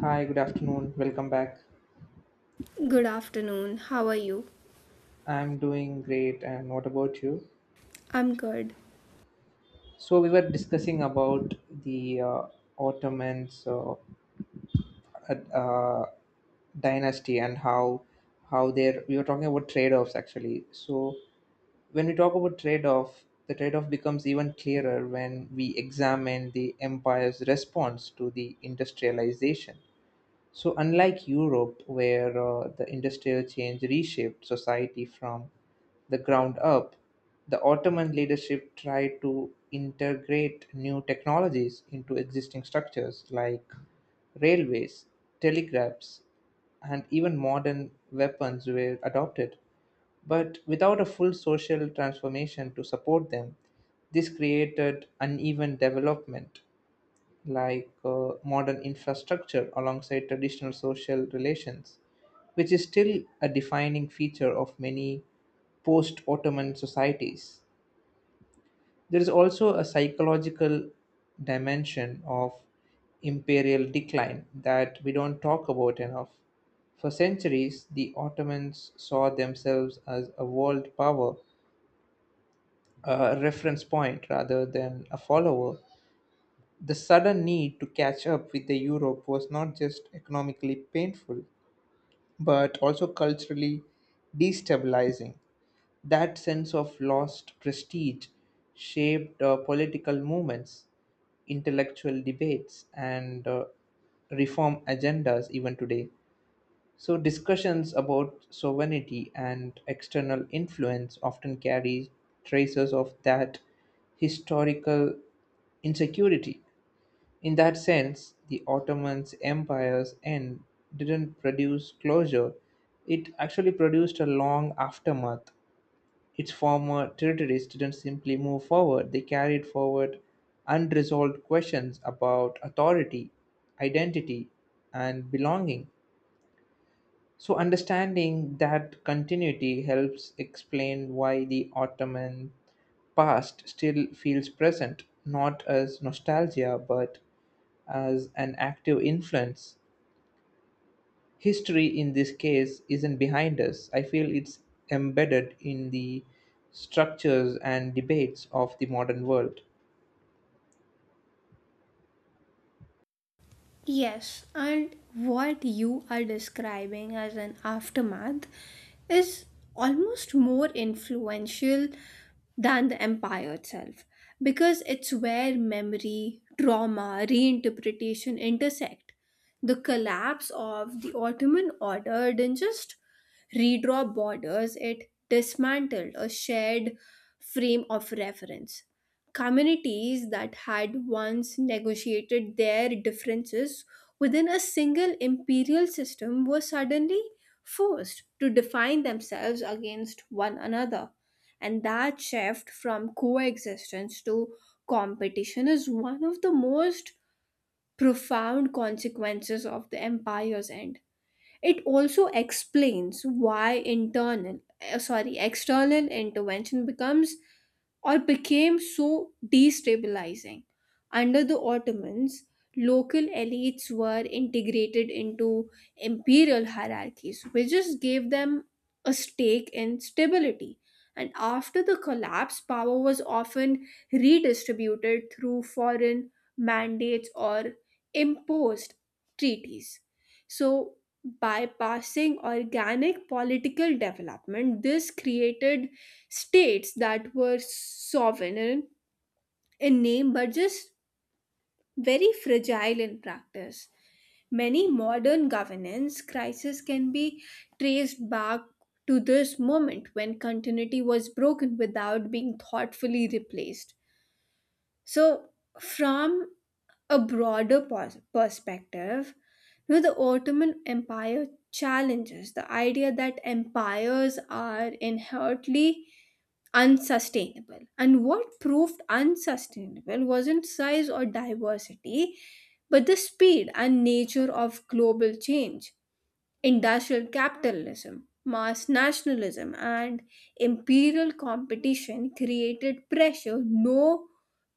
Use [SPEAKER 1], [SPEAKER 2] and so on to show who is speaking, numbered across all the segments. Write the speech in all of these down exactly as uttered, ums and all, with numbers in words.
[SPEAKER 1] Hi, good afternoon. Welcome back.
[SPEAKER 2] Good afternoon. How are you?
[SPEAKER 1] I'm doing great, and what about you?
[SPEAKER 2] I'm good.
[SPEAKER 1] So we were discussing about the uh, Ottomans uh, uh, dynasty, and how how they're we were talking about trade-offs actually. So when we talk about trade-off, the trade-off becomes even clearer when we examine the empire's response to the industrialization. So, unlike Europe, where uh, the Industrial Change reshaped society from the ground up, the Ottoman leadership tried to integrate new technologies into existing structures like railways, telegraphs, and even modern weapons were adopted. But without a full social transformation to support them, this created uneven development, like uh, modern infrastructure alongside traditional social relations, which is still a defining feature of many post Ottoman societies. There is also a psychological dimension of imperial decline that we don't talk about enough. For centuries, the Ottomans saw themselves as a world power, a reference point rather than a follower. The sudden need to catch up with the Europe was not just economically painful, but also culturally destabilizing. That sense of lost prestige shaped uh, political movements, intellectual debates, and uh, reform agendas even today. So discussions about sovereignty and external influence often carry traces of that historical insecurity. In that sense, the Ottoman's empire's end didn't produce closure, it actually produced a long aftermath. Its former territories didn't simply move forward, they carried forward unresolved questions about authority, identity, and belonging. So, understanding that continuity helps explain why the Ottoman past still feels present, not as nostalgia but as an active influence. History in this case isn't behind us. I feel it's embedded in the structures and debates of the modern world.
[SPEAKER 2] Yes, and what you are describing as an aftermath is almost more influential than the empire itself because it's where memory, trauma, reinterpretation intersect. The collapse of the Ottoman order didn't just redraw borders, it dismantled a shared frame of reference communities that had once negotiated their differences within a single imperial system were suddenly forced to define themselves against one another. And that shift from coexistence to competition is one of the most profound consequences of the empire's end. It also explains why internal, uh, sorry, external intervention becomes or became so destabilizing. Under the Ottomans, local elites were integrated into imperial hierarchies, which just gave them a stake in stability. And after the collapse, power was often redistributed through foreign mandates or imposed treaties. So, bypassing organic political development. This created states that were sovereign in name but just very fragile in practice. Many modern governance crises can be traced back to this moment when continuity was broken without being thoughtfully replaced. So, from a broader pos- perspective, you know, the Ottoman Empire challenges the idea that empires are inherently unsustainable. And what proved unsustainable wasn't size or diversity, but the speed and nature of global change, industrial capitalism. Mass nationalism and imperial competition created pressure no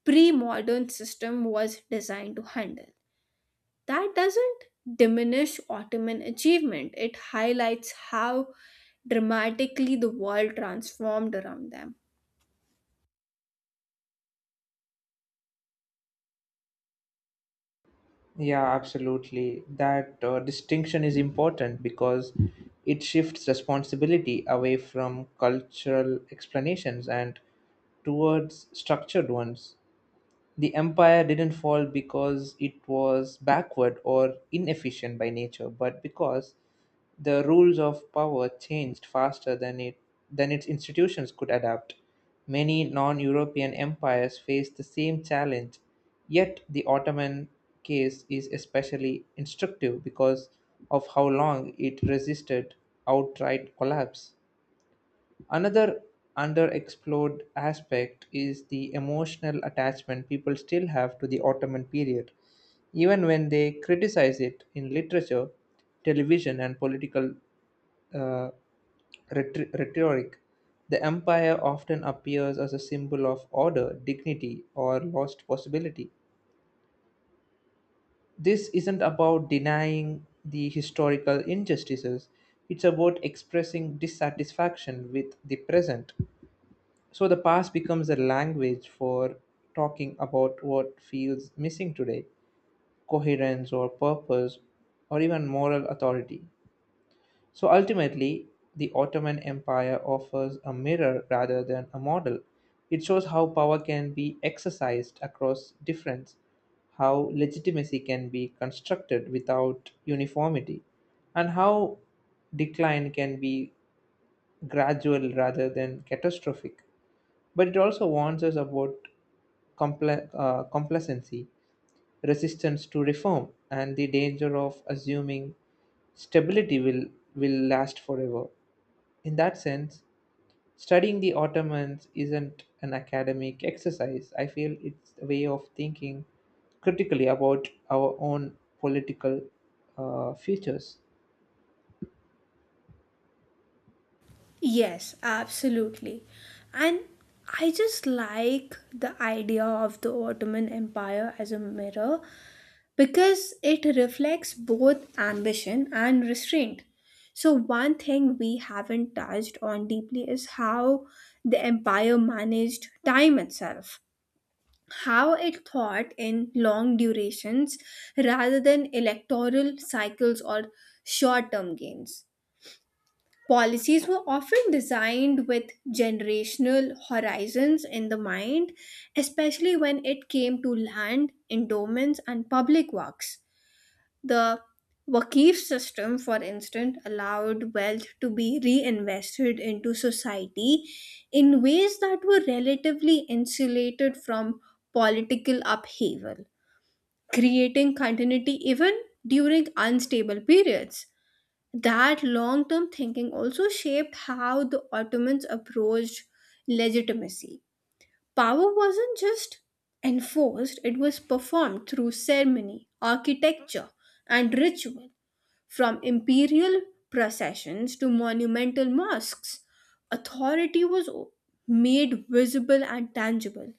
[SPEAKER 2] pre modern system was designed to handle. That doesn't diminish Ottoman achievement, it highlights how dramatically the world transformed around them.
[SPEAKER 1] Yeah, absolutely. That uh, distinction is important because it shifts responsibility away from cultural explanations and towards structured ones. The empire didn't fall because it was backward or inefficient by nature, but because the rules of power changed faster than it than its institutions could adapt. Many non-European empires faced the same challenge, yet the Ottoman case is especially instructive because of how long it resisted outright collapse. Another underexplored aspect is the emotional attachment people still have to the Ottoman period, even when they criticize it in literature, television, and political uh, rhet- rhetoric. The empire often appears as a symbol of order, dignity, or lost possibility. This isn't about denying the historical injustices, it's about expressing dissatisfaction with the present. So the past becomes a language for talking about what feels missing today, coherence or purpose or even moral authority. So ultimately, the Ottoman Empire offers a mirror rather than a model. It shows how power can be exercised across difference, how legitimacy can be constructed without uniformity, and how decline can be gradual rather than catastrophic. But it also warns us about compla- uh, complacency, resistance to reform, and the danger of assuming stability will, will last forever. In that sense, studying the Ottomans isn't an academic exercise. I feel it's a way of thinking critically about our own political uh, futures.
[SPEAKER 2] Yes, absolutely. And I just like the idea of the Ottoman Empire as a mirror because it reflects both ambition and restraint. So, one thing we haven't touched on deeply is how the empire managed time itself. How it thought in long durations rather than electoral cycles or short term gains. Policies were often designed with generational horizons in the mind, especially when it came to land, endowments, and public works. The Waqif system, for instance, allowed wealth to be reinvested into society in ways that were relatively insulated from political upheaval, creating continuity even during unstable periods. That long term thinking also shaped how the Ottomans approached legitimacy. Power wasn't just enforced, it was performed through ceremony, architecture, and ritual from imperial processions to monumental mosques, authority was o- made visible and tangible.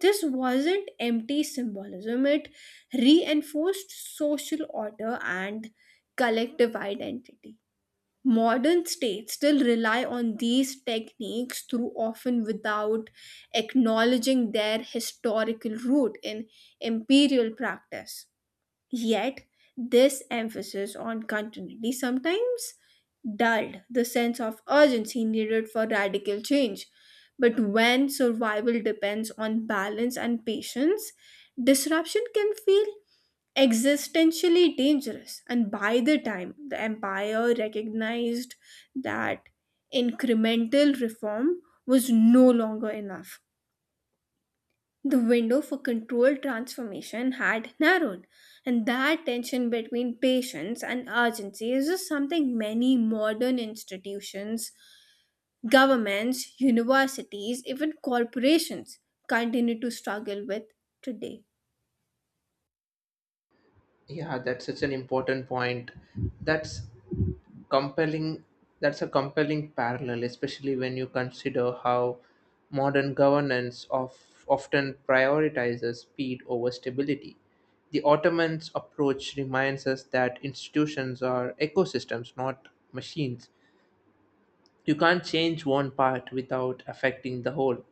[SPEAKER 2] This wasn't empty symbolism, it reinforced social order and collective identity. Modern states still rely on these techniques through often without acknowledging their historical root in imperial practice. Yet, this emphasis on continuity sometimes dulled the sense of urgency needed for radical change. But when survival depends on balance and patience, disruption can feel existentially dangerous. And by the time the empire recognized that incremental reform was no longer enough, the window for controlled transformation had narrowed, and that tension between patience and urgency is just something many modern institutions, governments, universities, even corporations continue to struggle with today.
[SPEAKER 1] Yeah, that's such an important point. That's compelling. That's a compelling parallel, especially when you consider how modern governance of, often prioritizes speed over stability. The Ottomans' approach reminds us that institutions are ecosystems, not machines. You can't change one part without affecting the whole.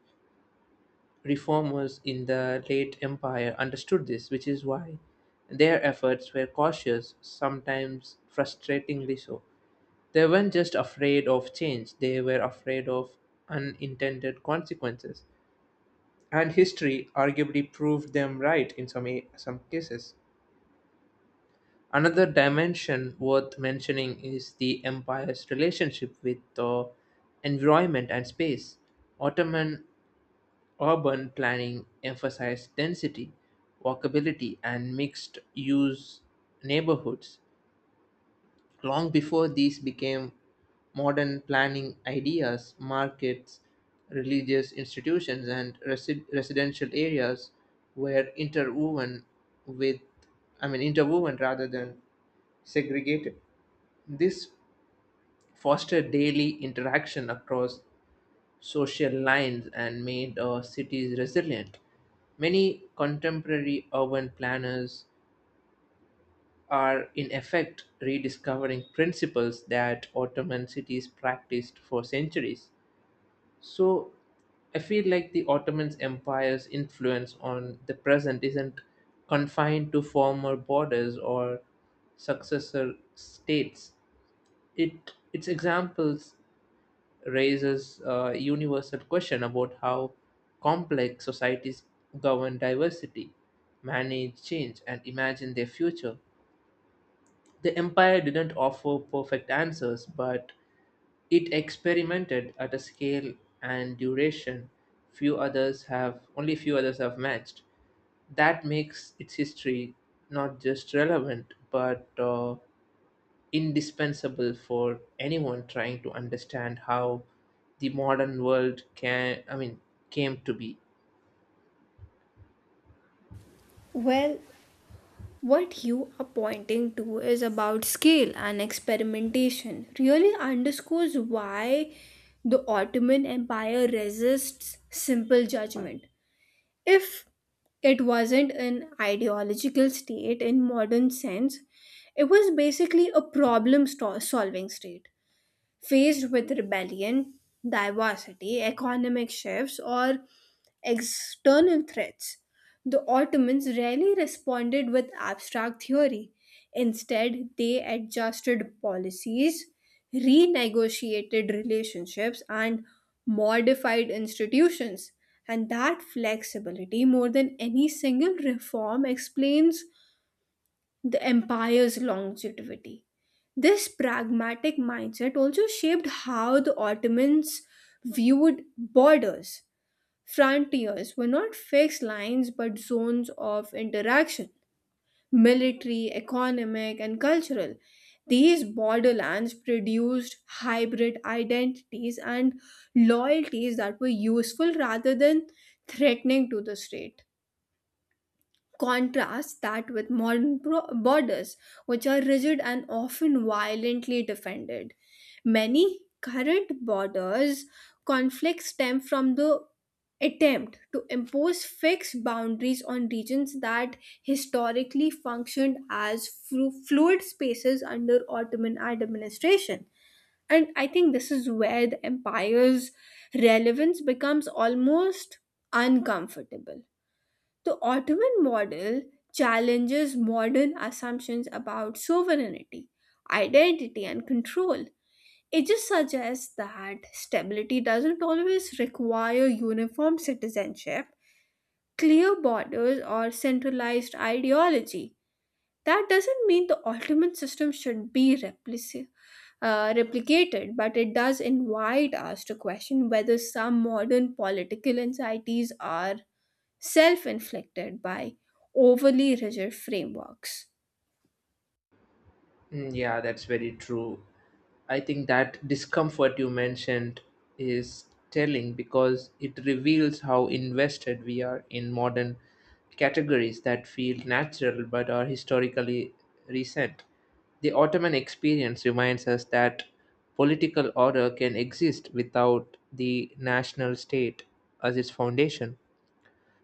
[SPEAKER 1] Reformers in the late Empire understood this, which is why their efforts were cautious, sometimes frustratingly so. They weren't just afraid of change, they were afraid of unintended consequences. And history arguably proved them right in some, a- some cases. Another dimension worth mentioning is the empire's relationship with the environment and space. Ottoman Urban planning emphasized density, walkability, and mixed use neighborhoods. Long before these became modern planning ideas, markets, religious institutions, and resi- residential areas were interwoven with, I mean, interwoven rather than segregated. This fostered daily interaction across social lines and made our cities resilient. Many contemporary urban planners are, in effect, rediscovering principles that Ottoman cities practiced for centuries. So, I feel like the Ottoman Empire's influence on the present isn't confined to former borders or successor states. It its examples raises a universal question about how complex societies govern diversity, manage change, and imagine their future. The empire didn't offer perfect answers, but it experimented at a scale and duration few others have only few others have matched. That makes its history not just relevant but uh, indispensable for anyone trying to understand how the modern world can I mean came to be.
[SPEAKER 2] Well, what you are pointing to is about scale and experimentation, really underscores why the Ottoman Empire resists simple judgment. If it wasn't an ideological state in modern sense, it was basically a problem sto- solving state faced with rebellion, diversity, economic shifts, or external threats. The Ottomans rarely responded with abstract theory. Instead, they adjusted policies, renegotiated relationships, and modified institutions. And that flexibility, more than any single reform, explains the empire's longevity. This pragmatic mindset also shaped how the Ottomans viewed borders. Frontiers were not fixed lines but zones of interaction military, economic, and cultural. These borderlands produced hybrid identities and loyalties that were useful rather than threatening to the state. Contrast that with modern bro- borders, which are rigid and often violently defended. Many current borders conflicts stem from the attempt to impose fixed boundaries on regions that historically functioned as flu- fluid spaces under Ottoman administration. And I think this is where the empire's relevance becomes almost uncomfortable. The Ottoman model challenges modern assumptions about sovereignty, identity, and control. It just suggests that stability doesn't always require uniform citizenship, clear borders, or centralized ideology. That doesn't mean the ultimate system should be replici- uh, replicated, but it does invite us to question whether some modern political anxieties are self inflicted by overly rigid frameworks.
[SPEAKER 1] Mm, yeah, that's very true. I think that discomfort you mentioned is telling because it reveals how invested we are in modern categories that feel natural but are historically recent. The Ottoman experience reminds us that political order can exist without the national state as its foundation.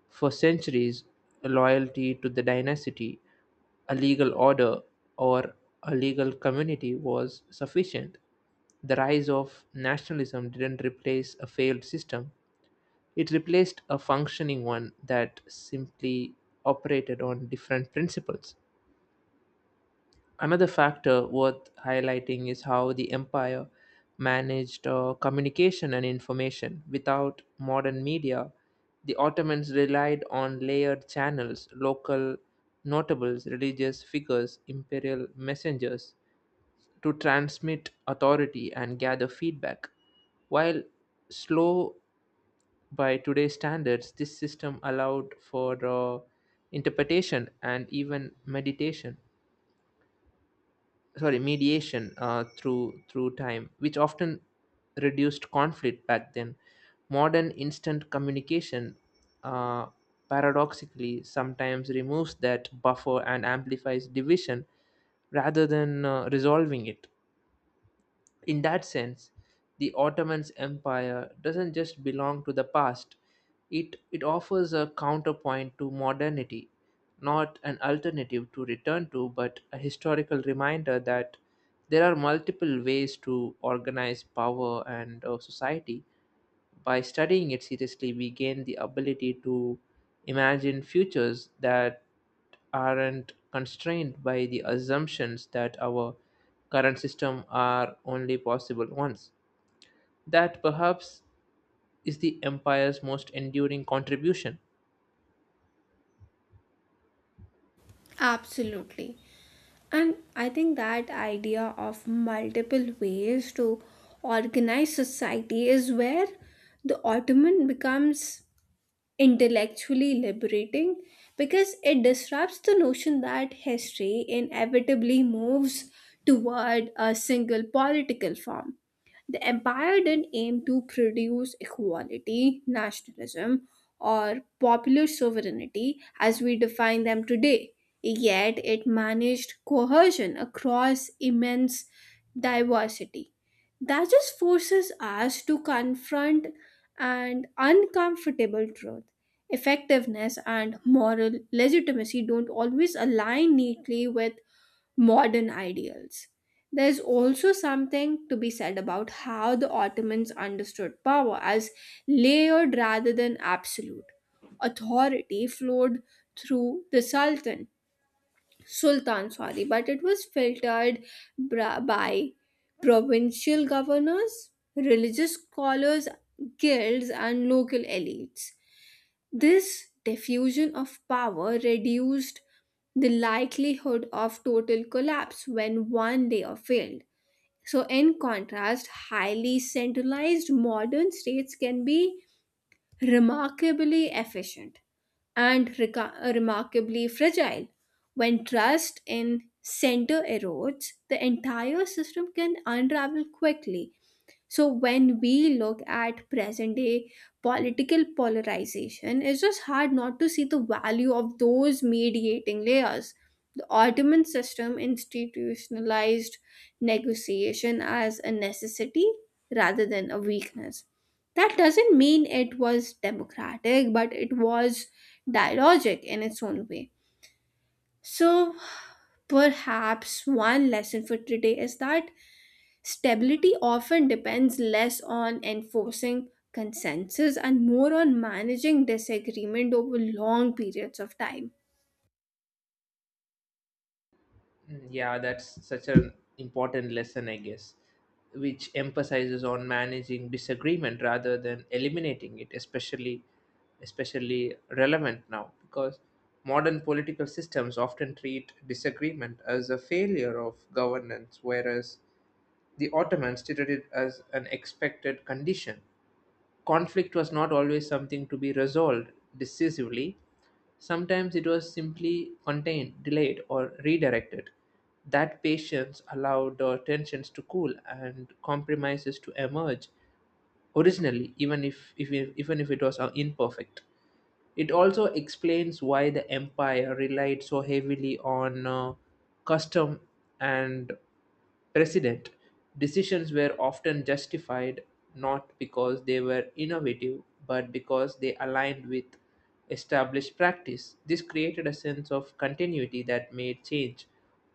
[SPEAKER 1] For centuries, loyalty to the dynasty, a legal order, or a legal community was sufficient. The rise of nationalism didn't replace a failed system, it replaced a functioning one that simply operated on different principles. Another factor worth highlighting is how the empire managed uh, communication and information. Without modern media, the Ottomans relied on layered channels, local notables, religious figures, imperial messengers to transmit authority and gather feedback. While slow by today's standards, this system allowed for uh, interpretation and even meditation. Sorry mediation uh, through through time, which often reduced conflict. Back then modern instant communication uh, paradoxically sometimes removes that buffer and amplifies division rather than uh, resolving it. In that sense, the Ottoman's empire doesn't just belong to the past, it, it offers a counterpoint to modernity, not an alternative to return to, but a historical reminder that there are multiple ways to organize power and uh, society. By studying it seriously, we gain the ability to imagine futures that aren't constrained by the assumptions that our current system are only possible ones. That perhaps is the empire's most enduring contribution.
[SPEAKER 2] Absolutely. And I think that idea of multiple ways to organize society is where the Ottoman becomes intellectually liberating because it disrupts the notion that history inevitably moves toward a single political form. The empire didn't aim to produce equality, nationalism, or popular sovereignty as we define them today. Yet it managed cohesion across immense diversity. That just forces us to confront an uncomfortable truth. Effectiveness and moral legitimacy don't always align neatly with modern ideals. There's also something to be said about how the Ottomans understood power as layered rather than absolute. Authority flowed through the Sultan, Sultan, sorry, but it was filtered bra- by provincial governors, religious scholars, guilds, and local elites. This diffusion of power reduced the likelihood of total collapse when one layer failed. So, in contrast, highly centralized modern states can be remarkably efficient and reca- remarkably fragile. When trust in center erodes, the entire system can unravel quickly. So when we look at present day political polarization, it's just hard not to see the value of those mediating layers. The Ottoman system institutionalized negotiation as a necessity rather than a weakness. That doesn't mean it was democratic, but it was dialogic in its own way. So perhaps one lesson for today is that stability often depends less on enforcing consensus and more on managing disagreement over long periods of time.
[SPEAKER 1] Mm, yeah, that's such an important lesson, I guess, which emphasizes on managing disagreement rather than eliminating it, especially especially relevant now because modern political systems often treat disagreement as a failure of governance, whereas the Ottomans treated it as an expected condition. Conflict was not always something to be resolved decisively. Sometimes it was simply contained, delayed, or redirected. That patience allowed uh, tensions to cool and compromises to emerge originally, even if, if even if it was uh, imperfect. It also explains why the empire relied so heavily on uh, custom and precedent. Decisions were often justified not because they were innovative, but because they aligned with established practice. This created a sense of continuity that made change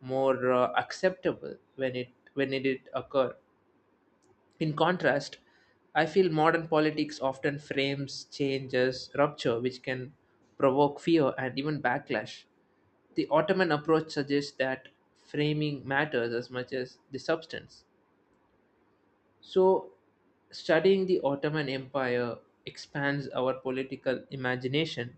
[SPEAKER 1] more uh, acceptable when it when it did occur. In contrast, I feel modern politics often frames change as rupture, which can provoke fear and even backlash. The Ottoman approach suggests that framing matters as much as the substance. So, studying the Ottoman Empire expands our political imagination.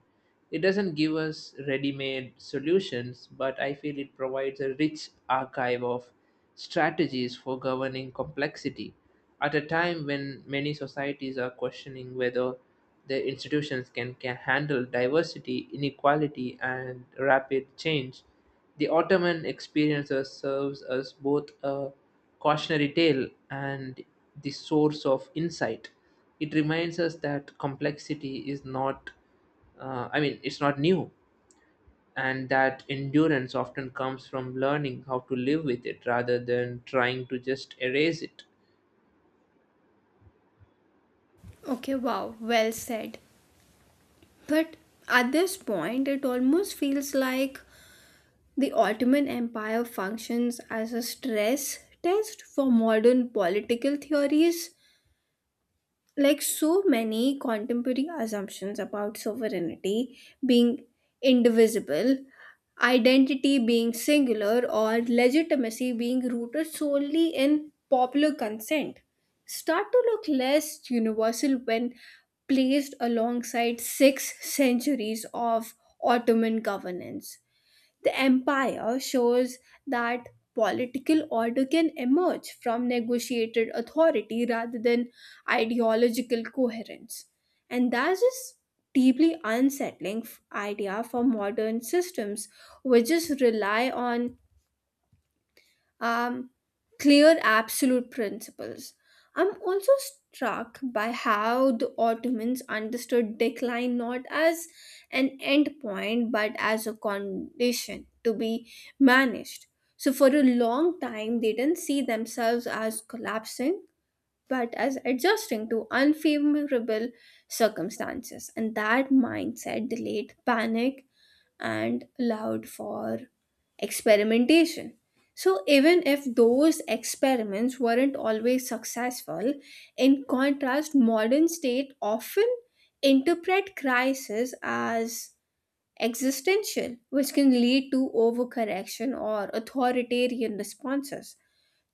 [SPEAKER 1] It doesn't give us ready made solutions, but I feel it provides a rich archive of strategies for governing complexity at a time when many societies are questioning whether their institutions can, can handle diversity, inequality, and rapid change. The Ottoman experiences serves as both a cautionary tale and the source of insight. It reminds us that complexity is not, uh, I mean, it's not new, and that endurance often comes from learning how to live with it rather than trying to just erase it.
[SPEAKER 2] Okay, wow, well said. But at this point, it almost feels like the Ottoman Empire functions as a stress test for modern political theories like so many contemporary assumptions about sovereignty being indivisible, identity being singular, or legitimacy being rooted solely in popular consent start to look less universal when placed alongside six centuries of Ottoman governance. The empire shows that political order can emerge from negotiated authority rather than ideological coherence. And that's just deeply unsettling f- idea for modern systems which just rely on um, clear absolute principles. I'm also struck by how the Ottomans understood decline not as an end point but as a condition to be managed. So, for a long time, they didn't see themselves as collapsing but as adjusting to unfavorable circumstances. And that mindset delayed panic and allowed for experimentation. So, even if those experiments weren't always successful, in contrast, modern state often interpret crisis as existential, which can lead to overcorrection or authoritarian responses.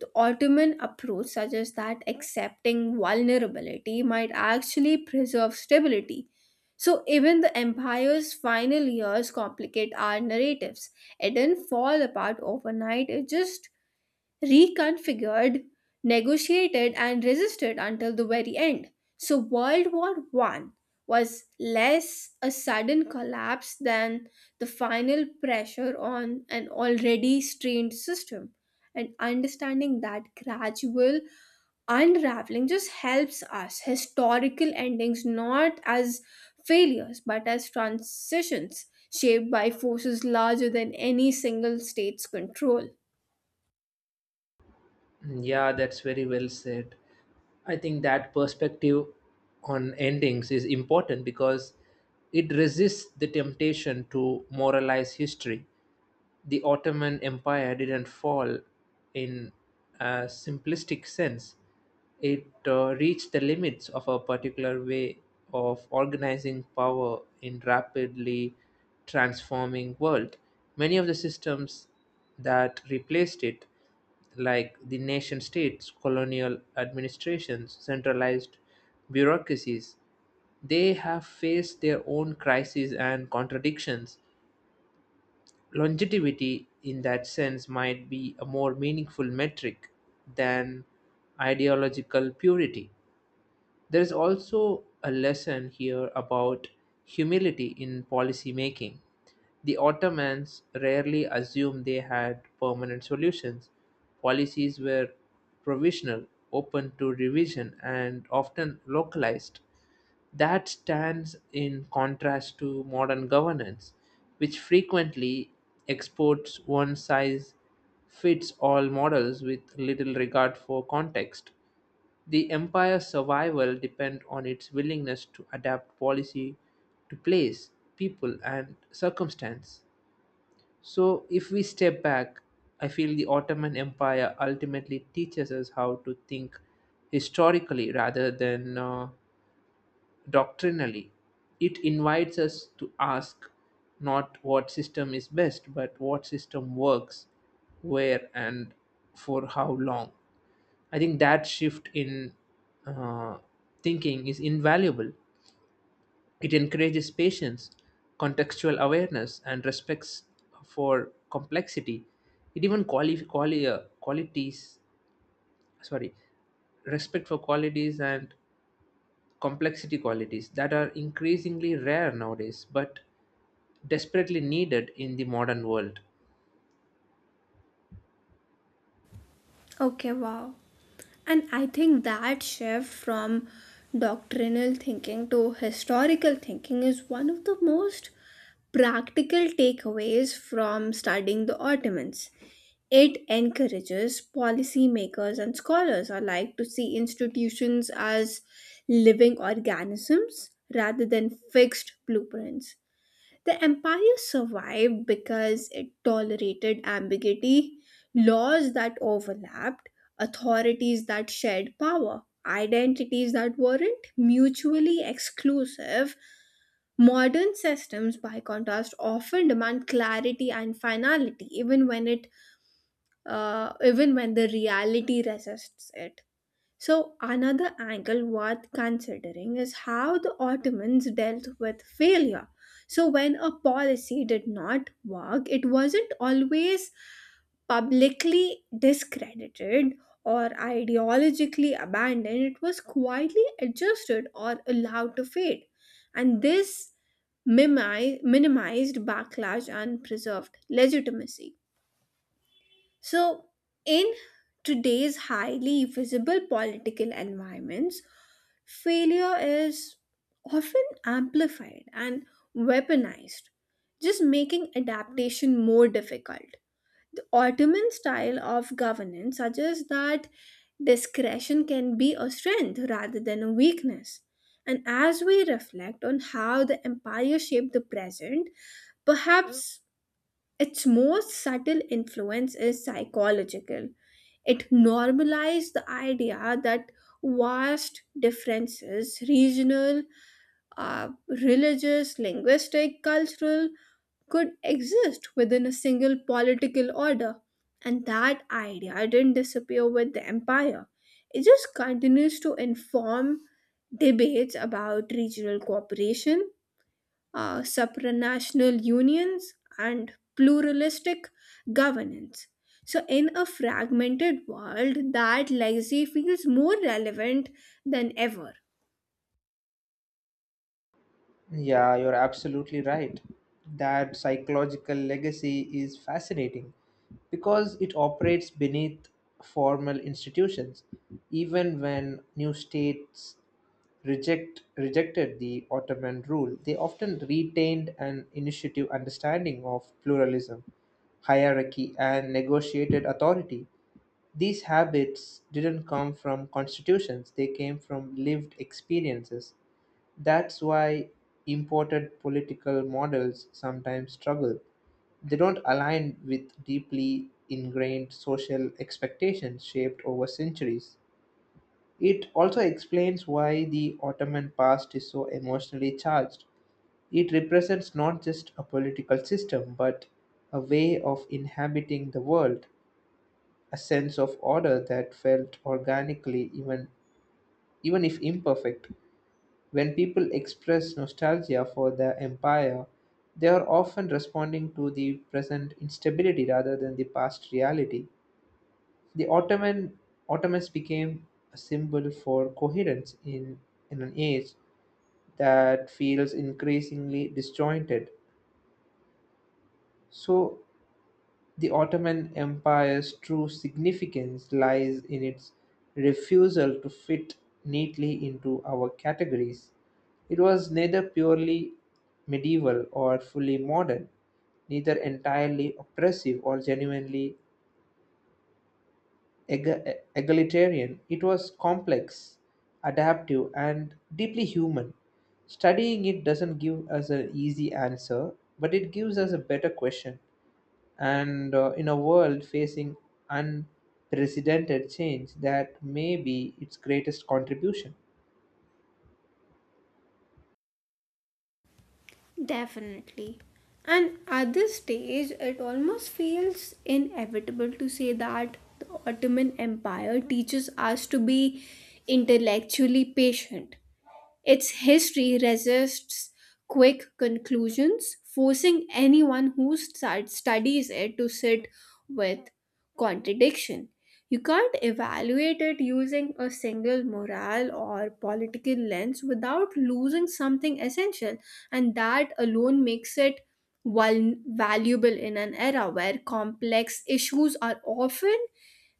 [SPEAKER 2] The Ottoman approach suggests that accepting vulnerability might actually preserve stability. So, even the empire's final years complicate our narratives. It didn't fall apart overnight, it just reconfigured, negotiated, and resisted until the very end. So, World War One was less a sudden collapse than the final pressure on an already strained system. And understanding that gradual unraveling just helps us historical endings not as failures but as transitions shaped by forces larger than any single state's control.
[SPEAKER 1] Yeah, that's very well said. I think that perspective on endings is important because it resists the temptation to moralize history. The Ottoman Empire didn't fall in a simplistic sense; it uh, reached the limits of a particular way of organizing power in rapidly transforming world. Many of the systems that replaced it, like the nation states, colonial administrations, centralized bureaucracies, they have faced their own crises and contradictions. Longevity in that sense might be a more meaningful metric than ideological purity. There is also a lesson here about humility in policy making. The Ottomans rarely assumed they had permanent solutions. Policies were provisional, open to revision, and often localized. That stands in contrast to modern governance, which frequently exports one size fits all models with little regard for context. The empire's survival depends on its willingness to adapt policy to place, people, and circumstance. So, if we step back, I feel the Ottoman Empire ultimately teaches us how to think historically rather than uh, doctrinally. It invites us to ask not what system is best, but what system works, where, and for how long. I think that shift in uh, thinking is invaluable. It encourages patience, contextual awareness, and respects for complexity. It even quali- quali- uh, qualities, sorry, respect for qualities and complexity, qualities that are increasingly rare nowadays but desperately needed in the modern world.
[SPEAKER 2] Okay, wow. And I think that shift from doctrinal thinking to historical thinking is one of the most practical takeaways from studying the Ottomans. It encourages policymakers and scholars alike to see institutions as living organisms rather than fixed blueprints. The empire survived because it tolerated ambiguity, laws that overlapped, authorities that shared power, identities that weren't mutually exclusive. Modern systems, by contrast, often demand clarity and finality, even when it, uh, even when the reality resists it. So, another angle worth considering is how the Ottomans dealt with failure. So, when a policy did not work, it wasn't always publicly discredited or ideologically abandoned, it was quietly adjusted or allowed to fade. And this mimi- minimized backlash and preserved legitimacy. So, in today's highly visible political environments, failure is often amplified and weaponized, just making adaptation more difficult. The Ottoman style of governance suggests that discretion can be a strength rather than a weakness. And as we reflect on how the empire shaped the present, perhaps its most subtle influence is psychological. It normalized the idea that vast differences, regional, uh, religious, linguistic, cultural, could exist within a single political order. And that idea didn't disappear with the empire. It just continues to inform debates about regional cooperation, uh, supranational unions, and pluralistic governance. So, in a fragmented world, that legacy feels more relevant than ever.
[SPEAKER 1] Yeah, you're absolutely right. That psychological legacy is fascinating because it operates beneath formal institutions. Even when new states reject rejected the Ottoman rule, they often retained an initiative understanding of pluralism, hierarchy, and negotiated authority. These habits didn't come from constitutions, they came from lived experiences. That's why imported political models sometimes struggle. They don't align with deeply ingrained social expectations shaped over centuries. It also explains why the Ottoman past is so emotionally charged. It represents not just a political system, but a way of inhabiting the world, a sense of order that felt organically even even if imperfect. When people express nostalgia for the empire, they are often responding to the present instability rather than the past reality. The ottoman ottomans became a symbol for coherence in in an age that feels increasingly disjointed. So the Ottoman Empire's true significance lies in its refusal to fit neatly into our categories. It was neither purely medieval or fully modern, neither entirely oppressive or genuinely ega- egalitarian. It was complex, adaptive, and deeply human. Studying it doesn't give us an easy answer, but it gives us a better question, and uh, in a world facing unprecedented change, that may be its greatest contribution.
[SPEAKER 2] Definitely. And at this stage, it almost feels inevitable to say that the Ottoman Empire teaches us to be intellectually patient. Its history resists quick conclusions, forcing anyone who stud- studies it to sit with contradiction. You can't evaluate it using a single moral or political lens without losing something essential and that alone makes it val- valuable in an era where complex issues are often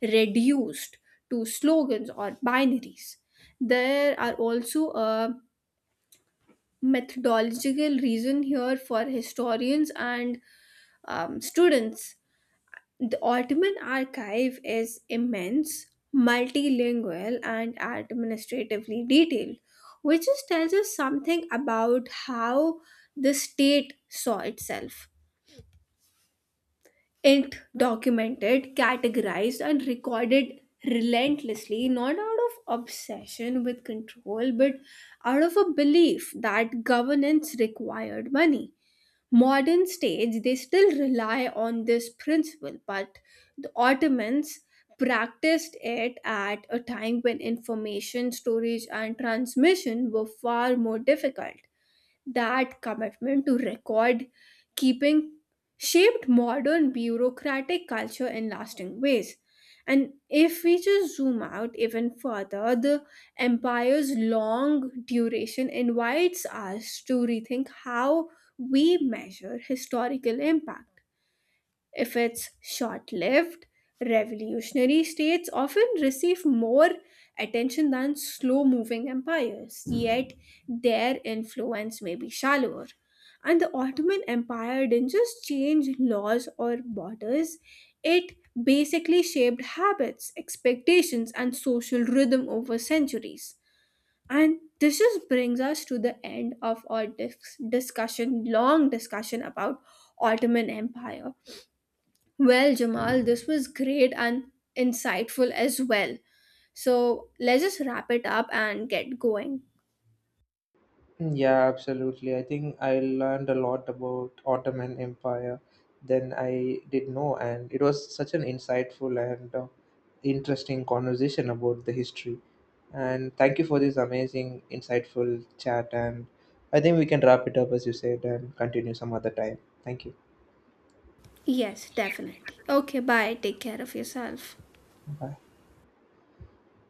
[SPEAKER 2] reduced to slogans or binaries. There are also a methodological reason here for historians and um, students. The Ottoman archive is immense, multilingual, and administratively detailed, which just tells us something about how the state saw itself. It documented, categorized, and recorded relentlessly, not out of obsession with control, but out of a belief that governance required money modern stage they still rely on this principle but the ottomans practiced it at a time when information storage and transmission were far more difficult. That commitment to record keeping shaped modern bureaucratic culture in lasting ways. And if we just zoom out even further, the empire's long duration invites us to rethink how we measure historical impact. If it's short lived, revolutionary states often receive more attention than slow moving empires, yet their influence may be shallower. And the Ottoman Empire didn't just change laws or borders, it basically shaped habits, expectations, and social rhythm over centuries. And this just brings us to the end of our dis- discussion, long discussion about Ottoman Empire. Well, Jamal, this was great and insightful as well. So let's just wrap it up and get going.
[SPEAKER 1] Mm, yeah, absolutely. I think I learned a lot about Ottoman Empire than I did know, and it was such an insightful and uh, interesting conversation about the history. And thank you for this amazing, insightful chat. And I think we can wrap it up as you said and continue some other time. Thank you.
[SPEAKER 2] Yes, definitely. Okay, bye. Take care of yourself.
[SPEAKER 1] Bye.